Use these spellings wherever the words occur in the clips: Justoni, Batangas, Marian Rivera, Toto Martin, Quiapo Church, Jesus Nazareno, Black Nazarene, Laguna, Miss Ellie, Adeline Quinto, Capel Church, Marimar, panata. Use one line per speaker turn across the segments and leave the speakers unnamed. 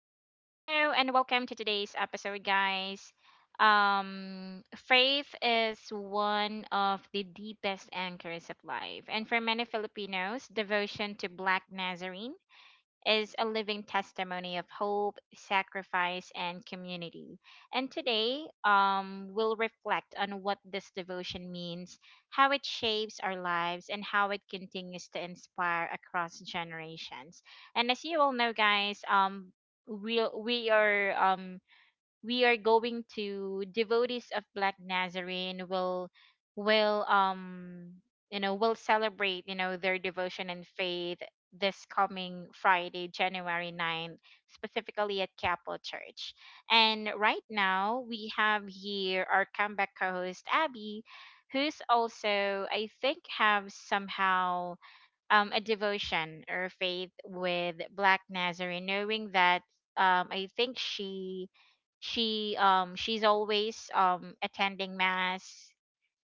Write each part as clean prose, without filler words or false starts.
Hello and welcome to today's episode, guys. Faith is one of the deepest anchors of life, and for many Filipinos, devotion to Black Nazarene is a living testimony of hope, sacrifice, and community. And today, we'll reflect on what this devotion means, how it shapes our lives, and how it continues to inspire across generations. And as you all know, guys, we we are um we are going to devotees of Black Nazarene will will um will celebrate their devotion and faith this coming Friday, January 9, specifically at Capel Church. And right now we have here our comeback co-host Abby, who's also I think have somehow a devotion or faith with Black Nazarene, knowing that I think she she's always attending mass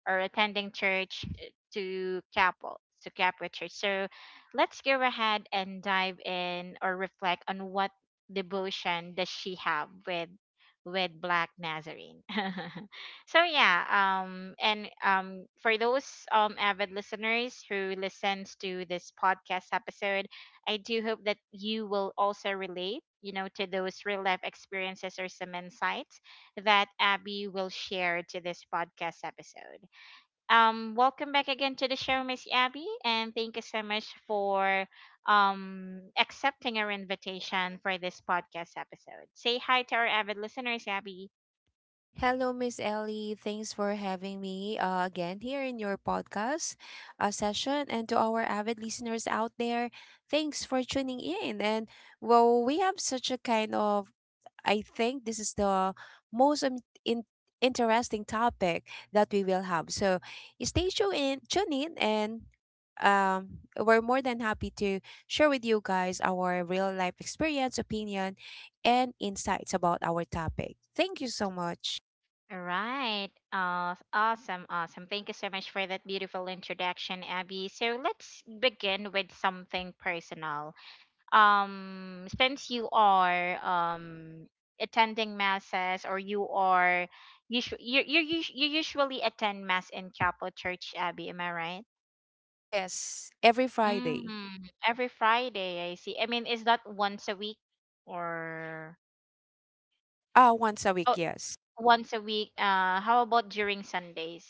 or attending church to Capel Church. So let's go ahead and dive in or reflect on what devotion does she have with Black Nazarene. So yeah, and for those avid listeners who listens to this podcast episode, I do hope that you will also relate, you know, to those real life experiences or some insights that Abby will share to this podcast episode. Welcome back again to the show, Miss Abby, and thank you so much for accepting our invitation for this podcast episode. Say hi to our avid listeners, Abby.
Hello, Miss Ellie. Thanks for having me again here in your podcast session. And to our avid listeners out there, thanks for tuning in. And well, we have such a kind of, I think this is the most in- interesting topic that we will have. So stay tuned in, tune in and we're more than happy to share with you guys our real life experience, opinion, and insights about our topic. Thank you so much.
All right. Awesome, awesome. Thank you so much for that beautiful introduction, Abby. So let's begin with something personal. Since you are attending masses or you are usu- you sh- you us- you usually attend mass in Chapel Church, Abbey, am I right?
Yes, every Friday.
Mm, every Friday, I see. I mean, is that once a week or?
Ah, once a
Oh,
week, yes.
once a week. Uh, how about during Sundays?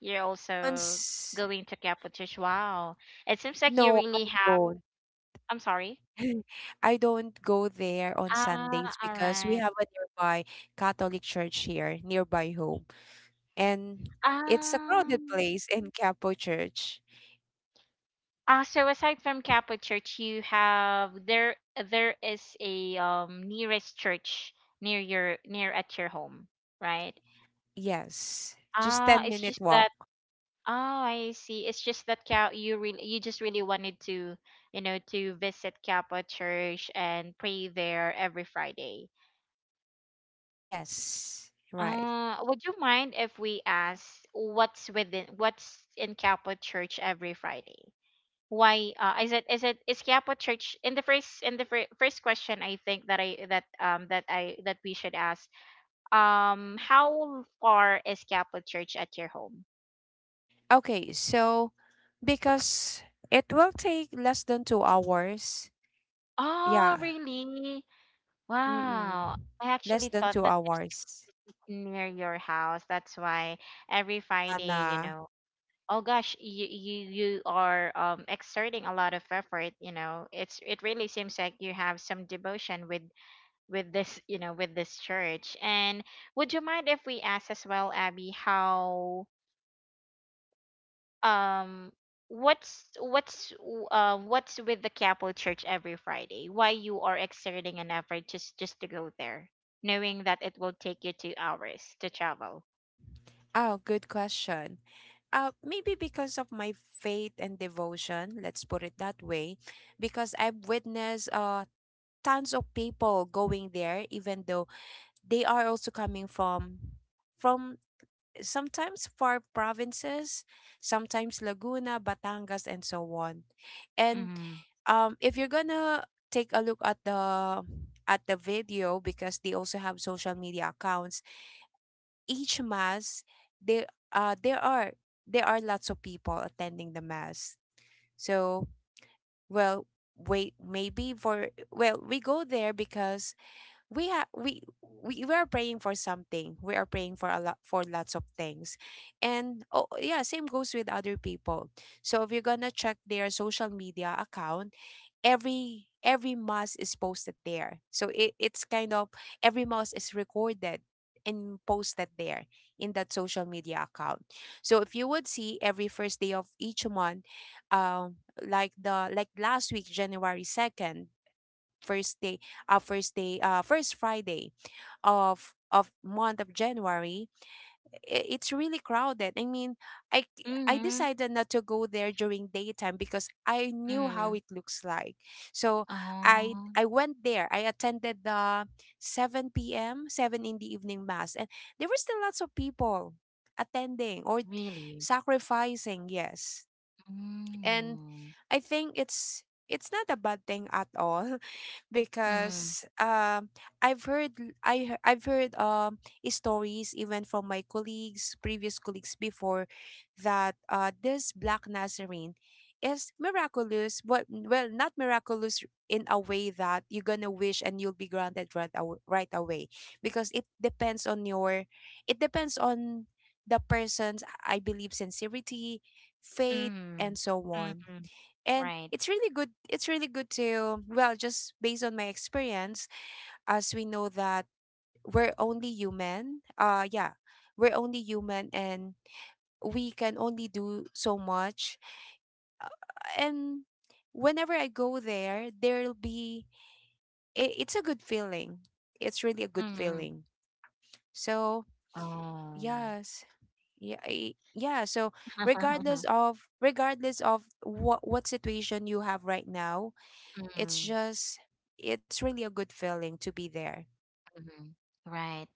You're
On
also
s-
going to Chapel Church. Wow, it seems like you
no, I
really have,
don't.
I'm sorry.
I don't go there on
Ah,
Sundays
all
because we
right.
have a nearby Catholic church here, nearby home. And it's a crowded
Um.
place in Capo Church.
So aside from Catholic Church, you have there, there is a nearest church near your near at your home, right?
Yes, just
Ah,
10
it's
minute
just that.
walk.
Oh, I see. It's just that Cal, you really, you just really wanted to, you know, to visit Catholic Church and pray there every Friday.
Yes, right.
Would you mind if we ask what's within, what's in Catholic Church every Friday? Why is it is Quiapo Church, in the first, in the first question I think that I that we should ask, how far is Quiapo Church at your home?
Okay, so because it will take less than 2 hours.
Oh
Yeah.
really?
Mm-mm.
Wow. I
Less
actually
than
thought
two
that
hours.
it's near your house. That's why every Friday, you
Anna.
know, oh gosh, you are exerting a lot of effort, you know. It's, it really seems like you have some devotion with this, you know, with this church. And would you mind if we ask as well, Abby, how um what's what's with the Capel church every Friday, why you are exerting an effort just to go there knowing that it will take you 2 hours to travel?
Oh, good question. Maybe because of my faith and devotion, let's put it that way, because I've witnessed tons of people going there, even though they are also coming from sometimes far provinces, sometimes Laguna, Batangas, and so on. And
Mm-hmm.
if you're gonna take a look at the video because they also have social media accounts each mass there uh there are there are lots of people attending the mass, so well wait maybe for well, we go there because we are praying for something. We are praying for a lot, for lots of things, and oh yeah, same goes with other people. So if you're gonna check their social media account, every mass is posted there. So it's kind of, every mass is recorded and posted there in that social media account. So if you would see every first day of each month, um like the like last week, january 2nd, first day, first day, first friday of month of january, it's really crowded. I mean, I
Mm-hmm.
decided not to go there during daytime because I knew how
Mm-hmm.
it looks like. So I
Oh.
I went there. I attended the 7 p.m., 7 in the evening mass, and there were still lots of
Mm,
people attending or
really.
sacrificing, yes. And
Mm-hmm.
I think it's not a bad thing at all
Mm-hmm.
because um, I've heard l- I he- I've heard stories even from my colleagues, previous colleagues before, that uh, this black nazarene is miraculous, but well, not miraculous in a way that you're gonna wish and you'll be granted right, right away, because it depends on your, it depends on the person's, I believe, sincerity, faith, and so on.
Mm-hmm.
And
Right.
it's really good, it's really good to, well, just based on my experience, as we know that we're only human. Yeah, we're only human and we can only do so much. And whenever I go there, there'll be, it's a good feeling. It's really a good
Mm-hmm.
feeling. So
Oh.
yes, yeah. So regardless of regardless of what situation you have right now, it's
Mm-hmm.
just, it's really a good feeling to be there.
Right.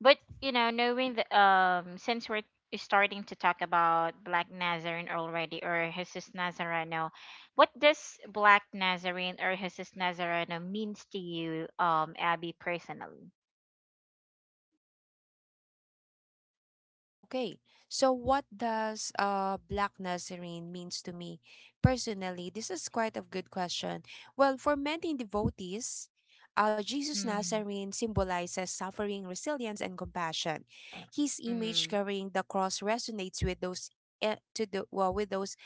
But you know, knowing that since we're starting to talk about Black Nazarene already or Jesus Nazareno, what does Black Nazarene or Jesus Nazareno means to you, Abby, personally?
Okay, so what does Black Nazarene means to me? Personally, this is quite a good question. Well, for many devotees, Jesus
Mm.
Nazarene symbolizes suffering, resilience, and compassion. His image
Mm.
carrying the cross resonates with those with those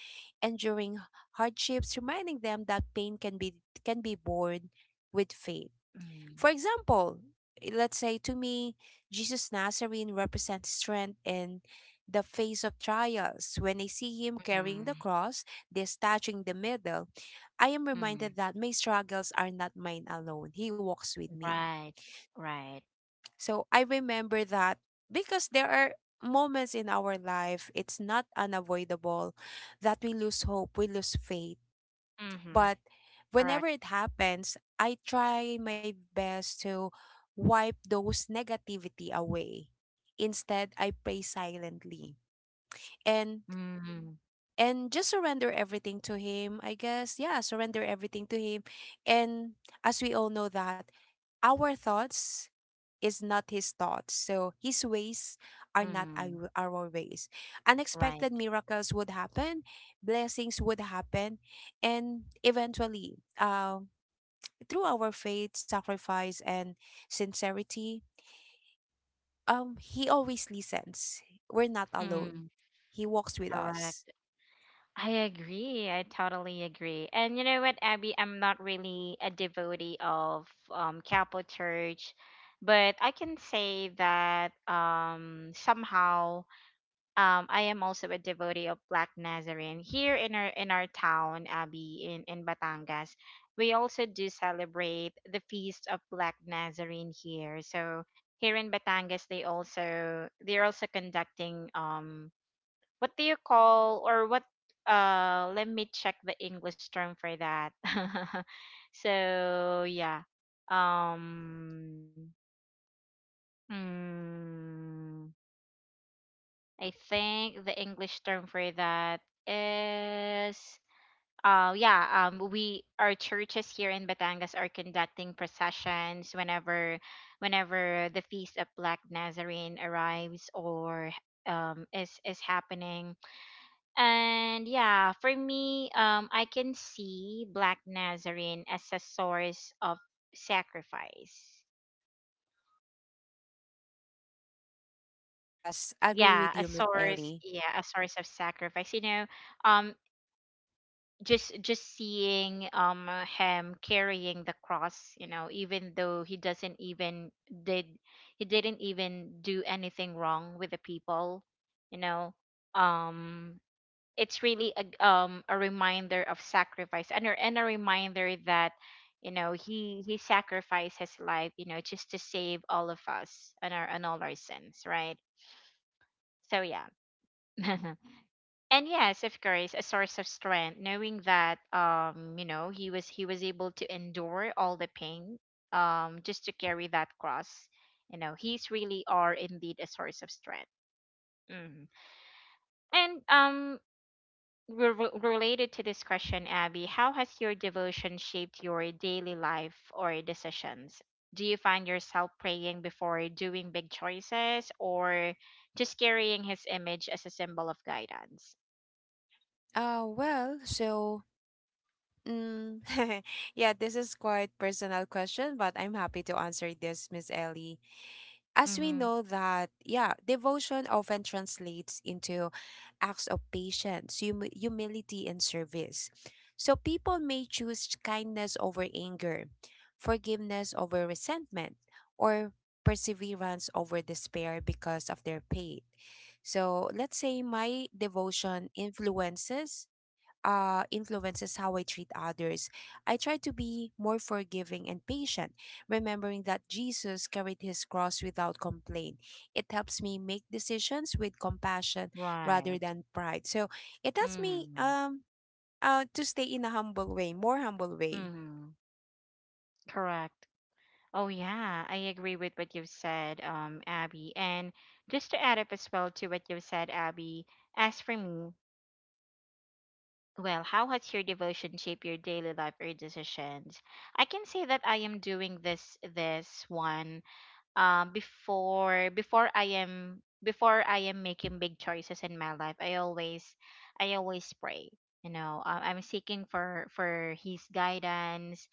enduring hardships, reminding them that pain can be borne with faith.
Mm.
For example, let's say to me, Jesus Nazarene represents strength in the face of trials. When I see him carrying
Mm.
the cross, this touching the middle, I am
Mm.
reminded that my struggles are not mine alone. He walks with me.
Right, right.
So I remember that, because there are moments in our life, it's not unavoidable that we lose hope, we lose faith,
Mm-hmm.
but whenever
Correct.
it happens, I try my best to wipe those negativity away. Instead, I pray silently, and
Mm.
just surrender everything to him. I guess, yeah, surrender everything to him. And as we all know that our thoughts is not his thoughts. So his ways are not
Mm.
our ways.
Right.
Unexpected miracles would happen, blessings would happen, and eventually, through our faith, sacrifice, and sincerity, He always listens. We're not alone.
Mm.
He walks with us.
Correct. I agree. I totally agree. And you know what, Abby? I'm not really a devotee of Catholic Church, but I can say that somehow I am also a devotee of Black Nazarene here in our, in our town, Abby, in Batangas. We also do celebrate the feast of Black Nazarene here. So here in Batangas, they also, they're also conducting what do you call, or what, let me check the English term for that. So yeah, um mm, I think the English term for that is, yeah, we, our churches here in Batangas are conducting processions whenever, whenever the feast of Black Nazarene arrives or is happening. And yeah, for me, I can see Black Nazarene as a source of sacrifice.
Yes, I agree
Yeah,
with
a
you, Miss
source.
Ellie.
Yeah, a source of sacrifice. You know, um, just seeing him carrying the cross. You know, even though he doesn't even did, he didn't even do anything wrong with the people. You know, um, it's really a a reminder of sacrifice and a reminder that you know he sacrificed his life, you know, just to save all of us and our, and all our sins, right? So yeah. And yes, of course, a source of strength knowing that you know he was, he was able to endure all the pain just to carry that cross. You know, he's really are indeed a source of strength. Mhm. And re- related to this question, Abby, how has your devotion shaped your daily life or decisions? Do you find yourself praying before doing big choices or just carrying his image as a symbol of guidance?
Uh, well, so, mm, yeah, this is quite personal question, but I'm happy to answer this, Miss Ellie. As we
Mm-hmm.
know that, yeah, devotion often translates into acts of patience, humility, and service. So people may choose kindness over anger, forgiveness over resentment, or perseverance over despair because of their faith. So let's say my devotion influences influences how I treat others. I try to be more forgiving and patient, remembering that Jesus carried his cross without complaint. It helps me make decisions with compassion rather
Right.
than pride. So it helps me
Mm-hmm.
to stay in a humble way, more humble way.
Mm-hmm. Correct. Oh, yeah, I agree with what you've said, Abby. And just to add up as well to what you've said, Abby, as for me, well, how has your devotion shaped your daily life or decisions? I can say that I am doing this this one before I am making big choices in my life. I always, I always pray. You know, I'm seeking for His guidance.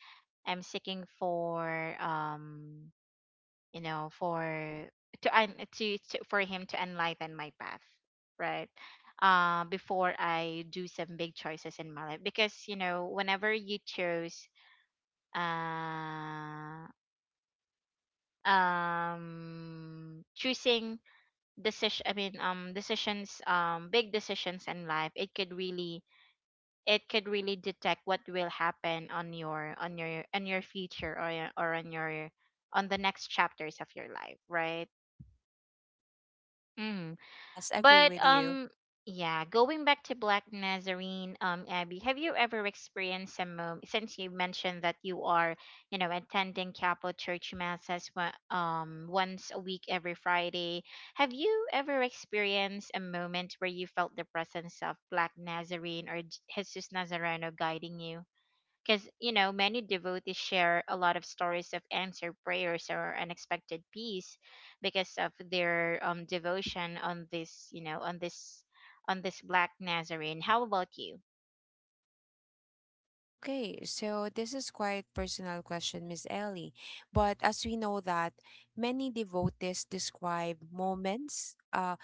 I'm seeking for um you know for to for him to enlighten my path, right? Before I do some big choices in my life, because you know whenever you chose uh choosing decision, I mean, decisions, big decisions in life, it could really, it could really detect what will happen on your, on your, on your future or on your, on the next chapters of your life, right? Mm.
Yes, agree
But
with you.
yeah, going back to Black Nazarene, Abby, have you ever experienced a moment since you mentioned that you are, you know, attending Chapel Church masses once a week every Friday? Have you ever experienced a moment where you felt the presence of Black Nazarene or Jesus Nazareno guiding you? Because you know many devotees share a lot of stories of answered prayers or unexpected peace because of their devotion on this, you know, on this, on this Black Nazarene. How about you?
Okay, so this is quite personal question, Miss Ellie. But as we know that many devotees describe moments uh,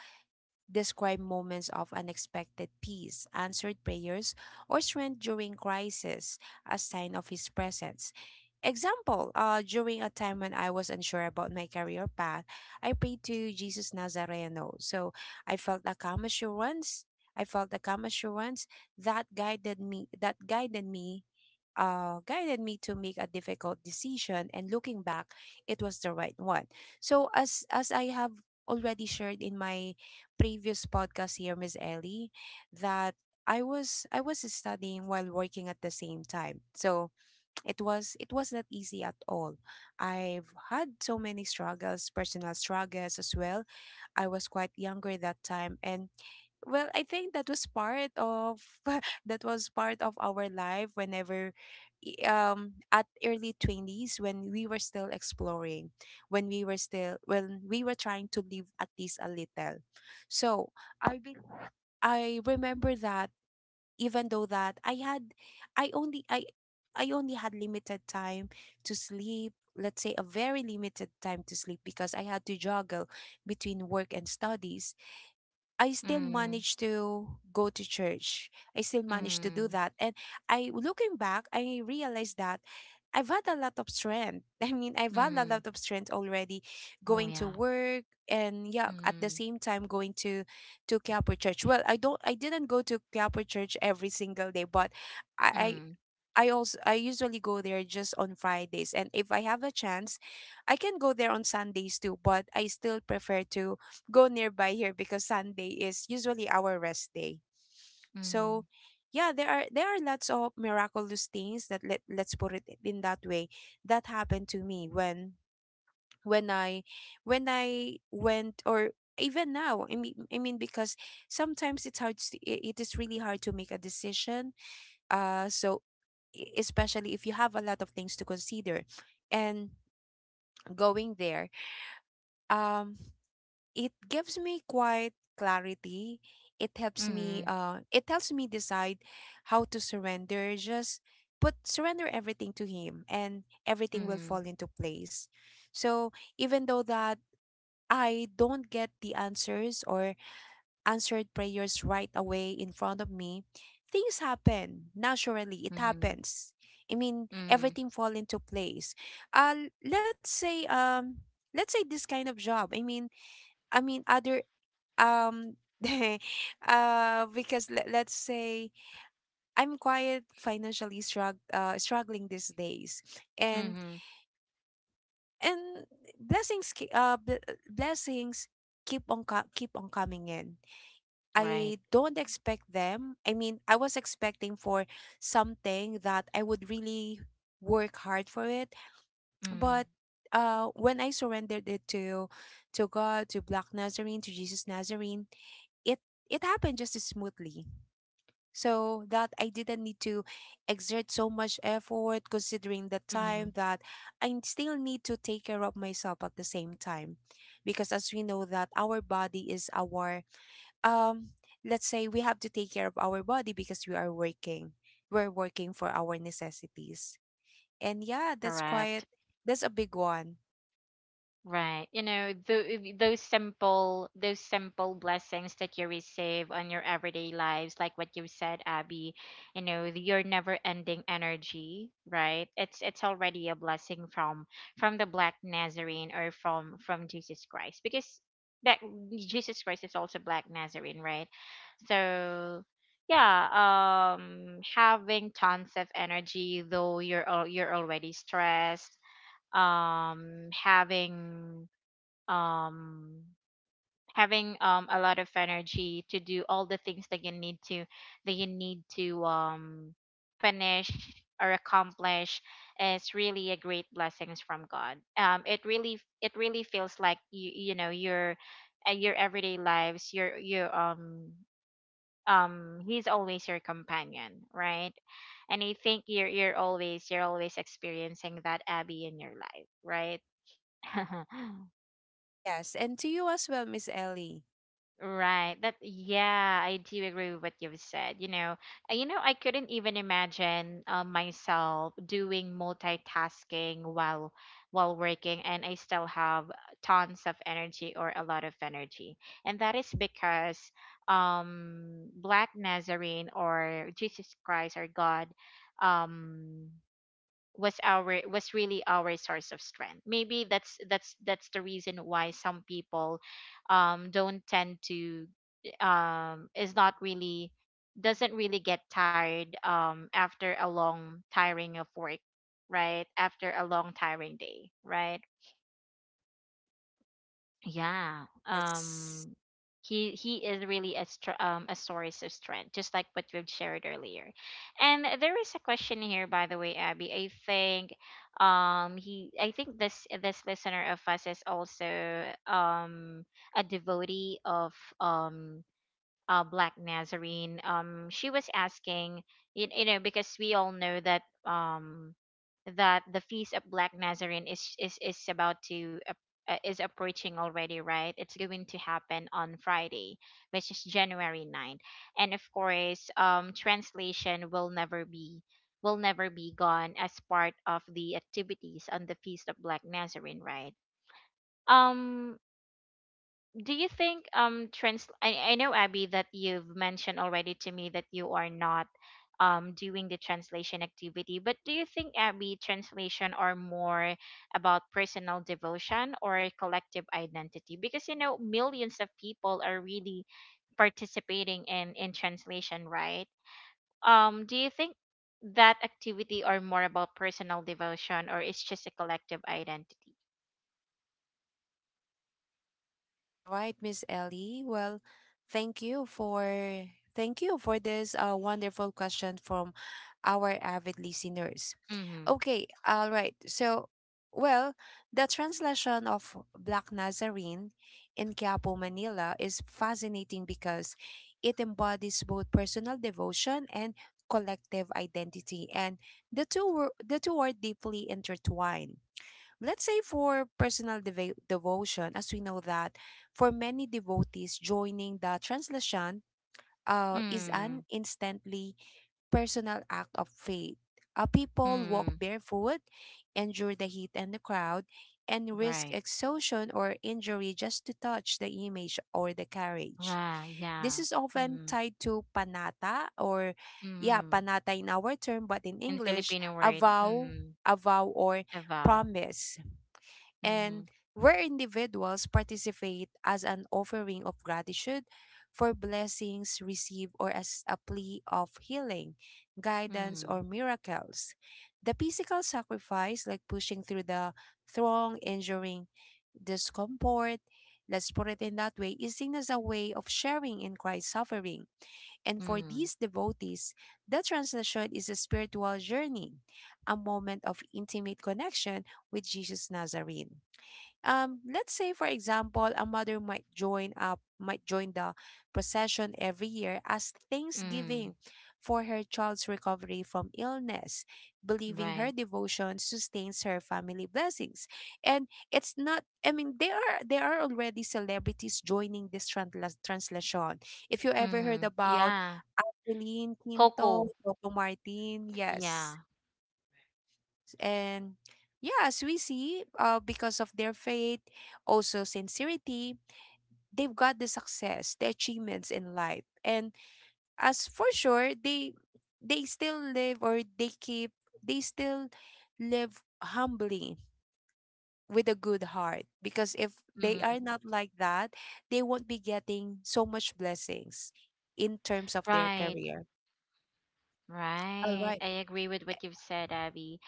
describe moments of unexpected peace, answered prayers, or strength during crisis as sign of his presence. Example, during a time when I was unsure about my career path, I prayed to Jesus Nazareno. So I felt a calm assurance. I felt a calm assurance that guided me to make a difficult decision, and looking back, it was the right one. So as I have already shared in my previous podcast here, Miss Ellie, that i was studying while working at the same time. So it was not easy at all. I've had so many struggles, personal struggles as well. I was quite younger that time, and well, I think that was part of that was part of our life, whenever at early 20s, when we were still exploring, when we were trying to live at least a little. So, I be, I remember that, even though that I had I only I I only had limited time to sleep, let's say a very limited time to sleep, because I had to juggle between work and studies, I still
Mm.
managed to go to church. I still managed to do
Mm.
that. And I, looking back, I realized that I've had a lot of strength. I mean, I've had a
Mm.
lot of strength already,
Oh
going to
yeah.
work and yeah, at the
Mm.
same time going to Quiapo Church. Well, I didn't go to Quiapo Church every single day, but I,
Mm.
I also I usually go there just on Fridays, and if I have a chance, I can go there on Sundays too, but I still prefer to go nearby here because Sunday is usually our rest day.
Mm.
So yeah, there are lots of miraculous things that, let let's put it in that way, that happened to me when when I when I went, or even now, I mean because sometimes it's hard to, it is really hard to make a decision, so, especially if you have a lot of things to consider. And going there, um, it gives me quite clarity. It helps me.
Mm.
It helps me decide how to surrender. Just put surrender everything to Him, and everything will
Mm.
fall into place. So even though that I don't get the answers or answered prayers right away in front of me, things happen naturally. It
Mm.
happens. I mean,
Mm.
everything fall into place. Uh, let's say um, let's say this kind of job. I mean other um. Uh because let's say I'm quite struggling these days, and
Mm.
and blessings ke- uh b- blessings keep on coming in.
Right.
I don't expect them. I mean, I was expecting for something that I would really work hard for it.
Mm.
But when I surrendered it to God, to Black Nazarene, to Jesus Nazarene, it it happened just as smoothly. So that I didn't need to exert so much effort, considering the
Mm.
time that I still need to take care of myself at the same time, because as we know that our body is our um, let's say we have to take care of our body because we're working for our necessities. And yeah, that's
Correct.
quite, that's a big one.
Right. You know, those simple, those simple blessings that you receive on your everyday lives, like what you said, Abby, you know, your never ending energy, right? It's already a blessing from the Black Nazarene or from Jesus Christ, because that Jesus Christ is also Black Nazarene, right? So yeah, having tons of energy though you're already stressed, having um having a lot of energy to do all the things that you need to, that you need to finish or accomplish is really a great blessings from God. It really, it really feels like you know, your everyday lives, your he's always your companion, right? And I think you're always experiencing that, Abby, in your life, right?
Yes, and to you as well, Miss Ellie.
Right. That, yeah, I do agree with what you've said. You know, I couldn't even imagine myself doing multitasking while working, and I still have tons of energy or a lot of energy, and that is because Black Nazarene or Jesus Christ or God um was really our source of strength. Maybe that's the reason why some people don't tend to, is not really, doesn't really get tired after a long tiring of work, right? After a long tiring day, right? Yeah.
Yes,
Um, he is really a a source of strength, just like what we've shared earlier. And there is a question here, by the way, Abby. I think he, I think this, this listener of us is also um a devotee of um Black Nazarene. She was asking, you know, because we all know that that the feast of Black Nazarene is, is about to is approaching already, right? It's going to happen on Friday, which is January 9th. And of course, translation will never be, will never be gone as part of the activities on the feast of Black Nazarene, right? Um do you think I know, Abby, that you've mentioned already to me that you are not doing the translation activity, but do you think, Abby, translation are more about personal devotion or collective identity? Because you know millions of people are really participating in translation, right? Do you think that activity are more about personal devotion or it's just a collective identity?
all right, Miss Ellie, well, thank you for thank you for this wonderful question from our avid listeners.
Mhm.
Okay, all right. So, well, the translation of Black Nazarene in Quiapo, Manila is fascinating because it embodies both personal devotion and collective identity, and the two are deeply intertwined. Let's say for personal devotion. As we know that for many devotees, joining the translation is
Mm.
an instantly personal act of faith. People walk
Mm.
barefoot, endure the heat and the crowd, and risk
Right.
exhaustion or injury just to touch the image or the carriage.
Ra,
This
yeah.
is often
Mm.
tied to panata or, yeah,
Mhm.
panata in our term, but in
In
English,
Filipino
a
word,
vow,
mm,
a vow or
a vow.
promise, and
Mhm.
where individuals participate as an offering of gratitude for blessings received or as a plea of healing, guidance,
Mm.
or miracles. The physical sacrifice, like pushing through the throng, enduring discomfort, let's put it in that way, is seen as a way of sharing in Christ's suffering. And for
Mm.
these devotees, the translation is a spiritual journey, a moment of intimate connection with Jesus Nazarene. Let's say for example a mother might join up might join the procession every year as
Mm.
thanksgiving for her child's recovery from illness, believing
Right.
her devotion sustains her family blessings. And it's not, I mean, there are already celebrities joining this translation. If you ever heard
Mhm.
about
Yeah.
Adeline Quinto,
Coco.
Toto Martin, yes.
Yeah.
And yeah, as we see, because of their faith, also sincerity, they've got the success, the achievements in life. And as for sure, they still live or they keep they still live humbly with a good heart, because if they
Mhm.
are not like that, they won't be getting so much blessings in terms of their
Right.
career. All
Right,
right.
I agree with what you've said, Abby.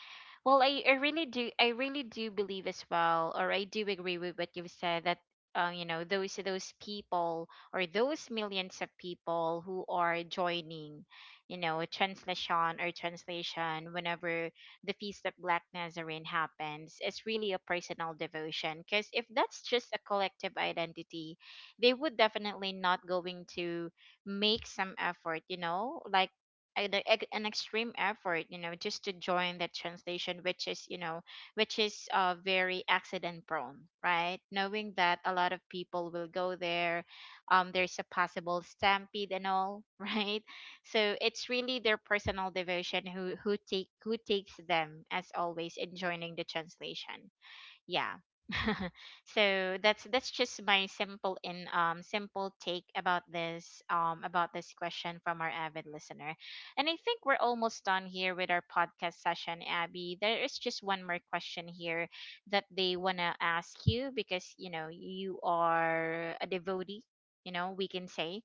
Well, I really do believe as well, or I do agree with what you've said that you know, those people or those millions of people who are joining, you know, a translation or translation whenever the Feast of Black Nazarene happens, it's really a personal devotion. Because if that's just a collective identity, they would definitely not going to make some effort, you know, like an extreme effort, you know, just to join the translation, which is, you know, which is very accident prone, right, knowing that a lot of people will go there, there's a possible stampede and all right, so it's really their personal devotion who take who takes them as always in joining the translation, yeah. So that's just my simple in simple take about this about this question from our avid listener. And I think we're almost done here with our podcast session, Abby. There is just one more question here that they want to ask you because you know you are a devotee, you know, we can say,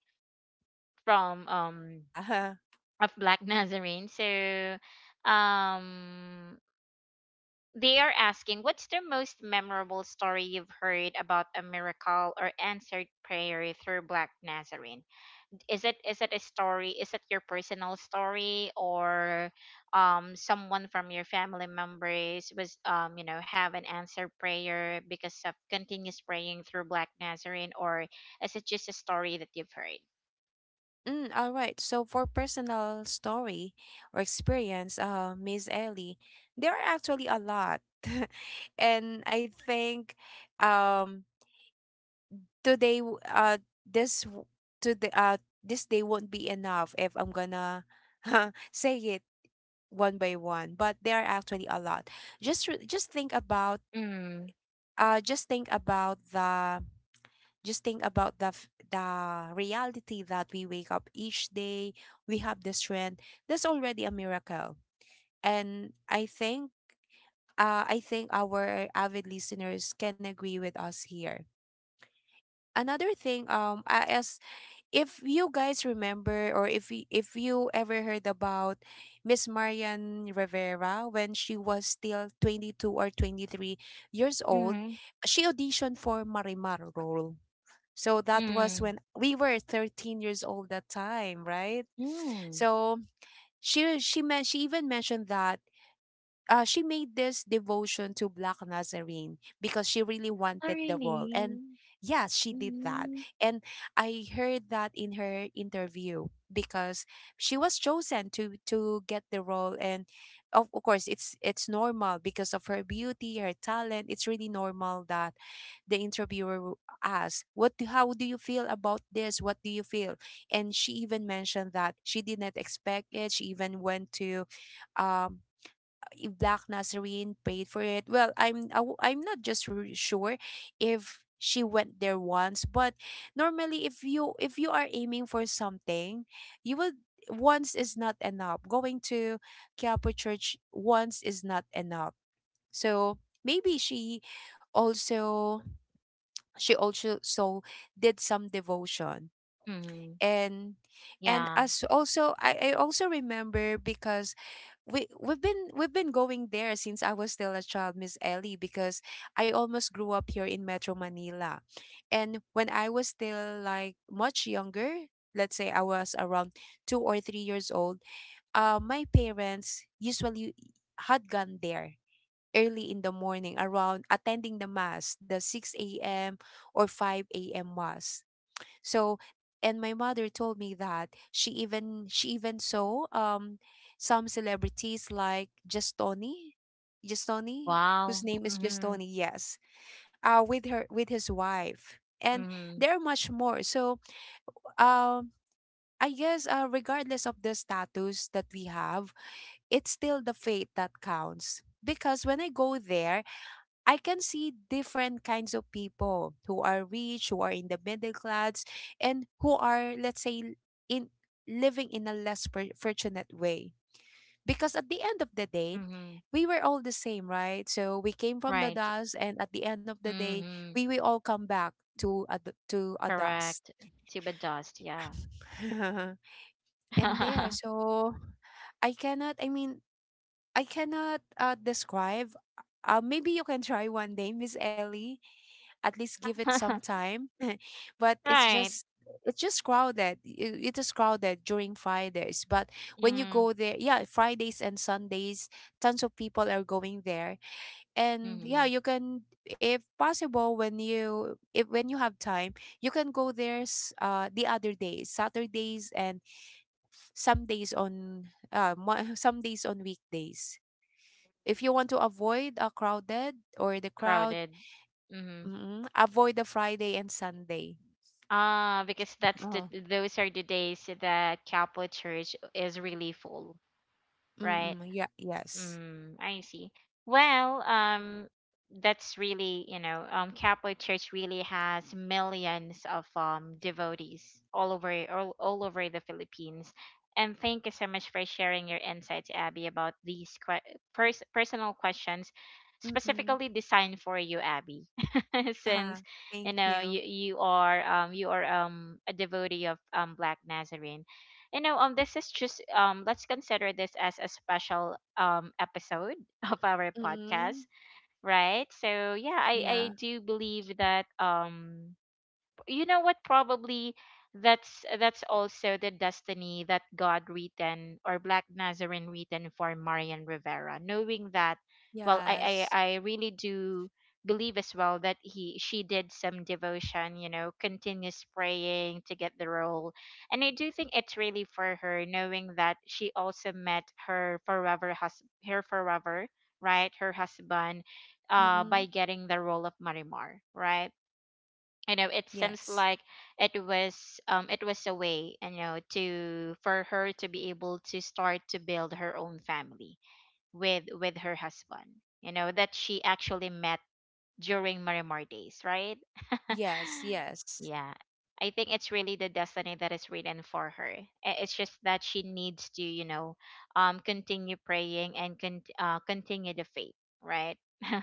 from
Yeah.
of Black Nazarene. So um they are asking, what's the most memorable story you've heard about a miracle or answered prayer through Black Nazarene? Is it a story? Is it your personal story or someone from your family members was you know have an answered prayer because of continuous praying through Black Nazarene, or is it just a story that you've heard?
All right. So for personal story or experience, Miss Ellie, there are actually a lot, and I think, um, today, this w- today, this day won't be enough if I'm gonna say it one by one. But there are actually a lot. Just think about,
Mm.
uh, just think about the just think about the reality that we wake up each day, we have the strength. That's already a miracle. And I think, I think our avid listeners can agree with us here. Another thing, as if you guys remember, or if you ever heard about Miss Marian Rivera when she was still 22 or 23 years old,
Mm.
she auditioned for Marimar role. So that was
Mm.
when we were 13 years old that time, right?
Mm.
So she even mentioned that, she made this devotion to Black Nazarene because she really
Oh,
wanted the role. And
really?
yes, she did that.
Mm.
And I heard that in her interview. Because she was chosen to get the role. And of course it's normal, because of her beauty, her talent, it's really normal that the interviewer will ask how do you feel about this, what do you feel. And she even mentioned that she did not expect it. She even went to, um, if Black Nazarene paid for it. Well, I'm not just sure if she went there once, but normally if you are aiming for something, you would, once is not enough. Going to Quiapo Church once is not enough. So maybe she
Correct.
also, she also so did some devotion.
Mm.
and and
Yeah.
as also I also remember, because we've been going there since I was still a child, Miss Ellie, because I almost grew up here in Metro Manila. And when I was still like much younger, let's say I was around 2 or 3 years old, my parents usually had gone there early in the morning, around attending the mass, the 6 a.m. or 5 a.m. mass. So, and my mother told me that she even saw, um, some celebrities like Justoni, Justoni,
Wow.
whose name is
Mhm.
Justoni, yes, with her with his wife, and
Mhm.
there are much more. So, um. I guess, regardless of the status that we have, it's still the faith that counts. Because when I go there, I can see different kinds of people who are rich, who are in the middle class, and who are, let's say, in living in a fortunate way. Because at the end of the day,
Mhm.
we were all the same, right? So we came from the
Right.
dust, and at the end of the day,
Mhm.
we will all come back to to a dust.
Correct. Tuba dust. Yeah.
And there, so I cannot, I mean, I cannot, describe. Maybe you can try one day, Miss Ellie. At least give it some time. But it's
Right.
just, it's just crowded. It is crowded during Fridays. But when you
Mhm.
go there, yeah, Fridays and Sundays, tons of people are going there. And yeah,
Mhm.
you can, if possible, when you if when you have time, you can go there. The other days, Saturdays, and some days on, some days on weekdays, if you want to avoid a crowded or the crowd.
Crowded. Mhm.
Mm, avoid the Friday and Sunday.
Ah, because that's the
Oh,
those are the days that Catholic Church is really full, right?
mm-mm, yeah, yes.
Mm, I see. Well, that's really, you know, Catholic Church really has millions of devotees all over the Philippines. And thank you so much for sharing your insights, Abby, about these que pers personal questions
Mm-mm.
specifically designed for you, Abby.
Uh-huh.
Since,
Thank
you know,
you.
you are you are a devotee of Black Nazarene, you know, this is just let's consider this as a special episode of our podcast,
Mm-mm.
right? So yeah, I
Yeah.
do believe that you know what, probably that's also the destiny that God written, or Black Nazarene written for Marian Rivera, knowing that, well, i
Yes.
i, I really do believe as well that he she did some devotion, you know, continuous praying to get the role. And I do think it's really for her, knowing that she also met her forever, right, her husband, uh, by
Mm-mm.
getting the role of Marimar, right? You know, it seems
Yes.
like it was a way, you know, to for her to be able to start to build her own family with her husband, you know, that she actually met during Marimar days, right.
Yes, yes.
Yeah, I think it's really the destiny that is written for her. I- it's just that she needs to, you know, continue praying and continue the faith, right.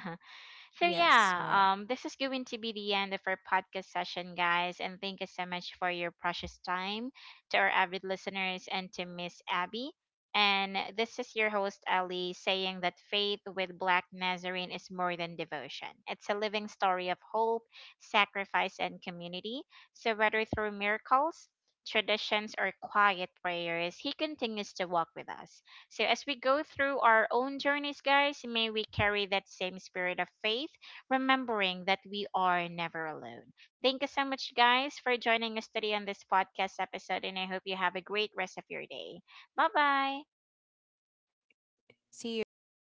So
Yes,
yeah,
right.
this is going to be the end of our podcast session, guys, and thank you so much for your precious time to our avid listeners and to Miss Abby. And this is your host Ali saying that faith with Black Nazarene is more than devotion. It's a living story of hope, sacrifice, and community. So whether through miracles, traditions, or quiet prayers, he continues to walk with us. So, as we go through our own journeys, guys, may we carry that same spirit of faith, remembering that we are never alone. Thank you so much, guys, for joining us today on this podcast episode, and I hope you have a great rest of your day. Bye bye.
See you.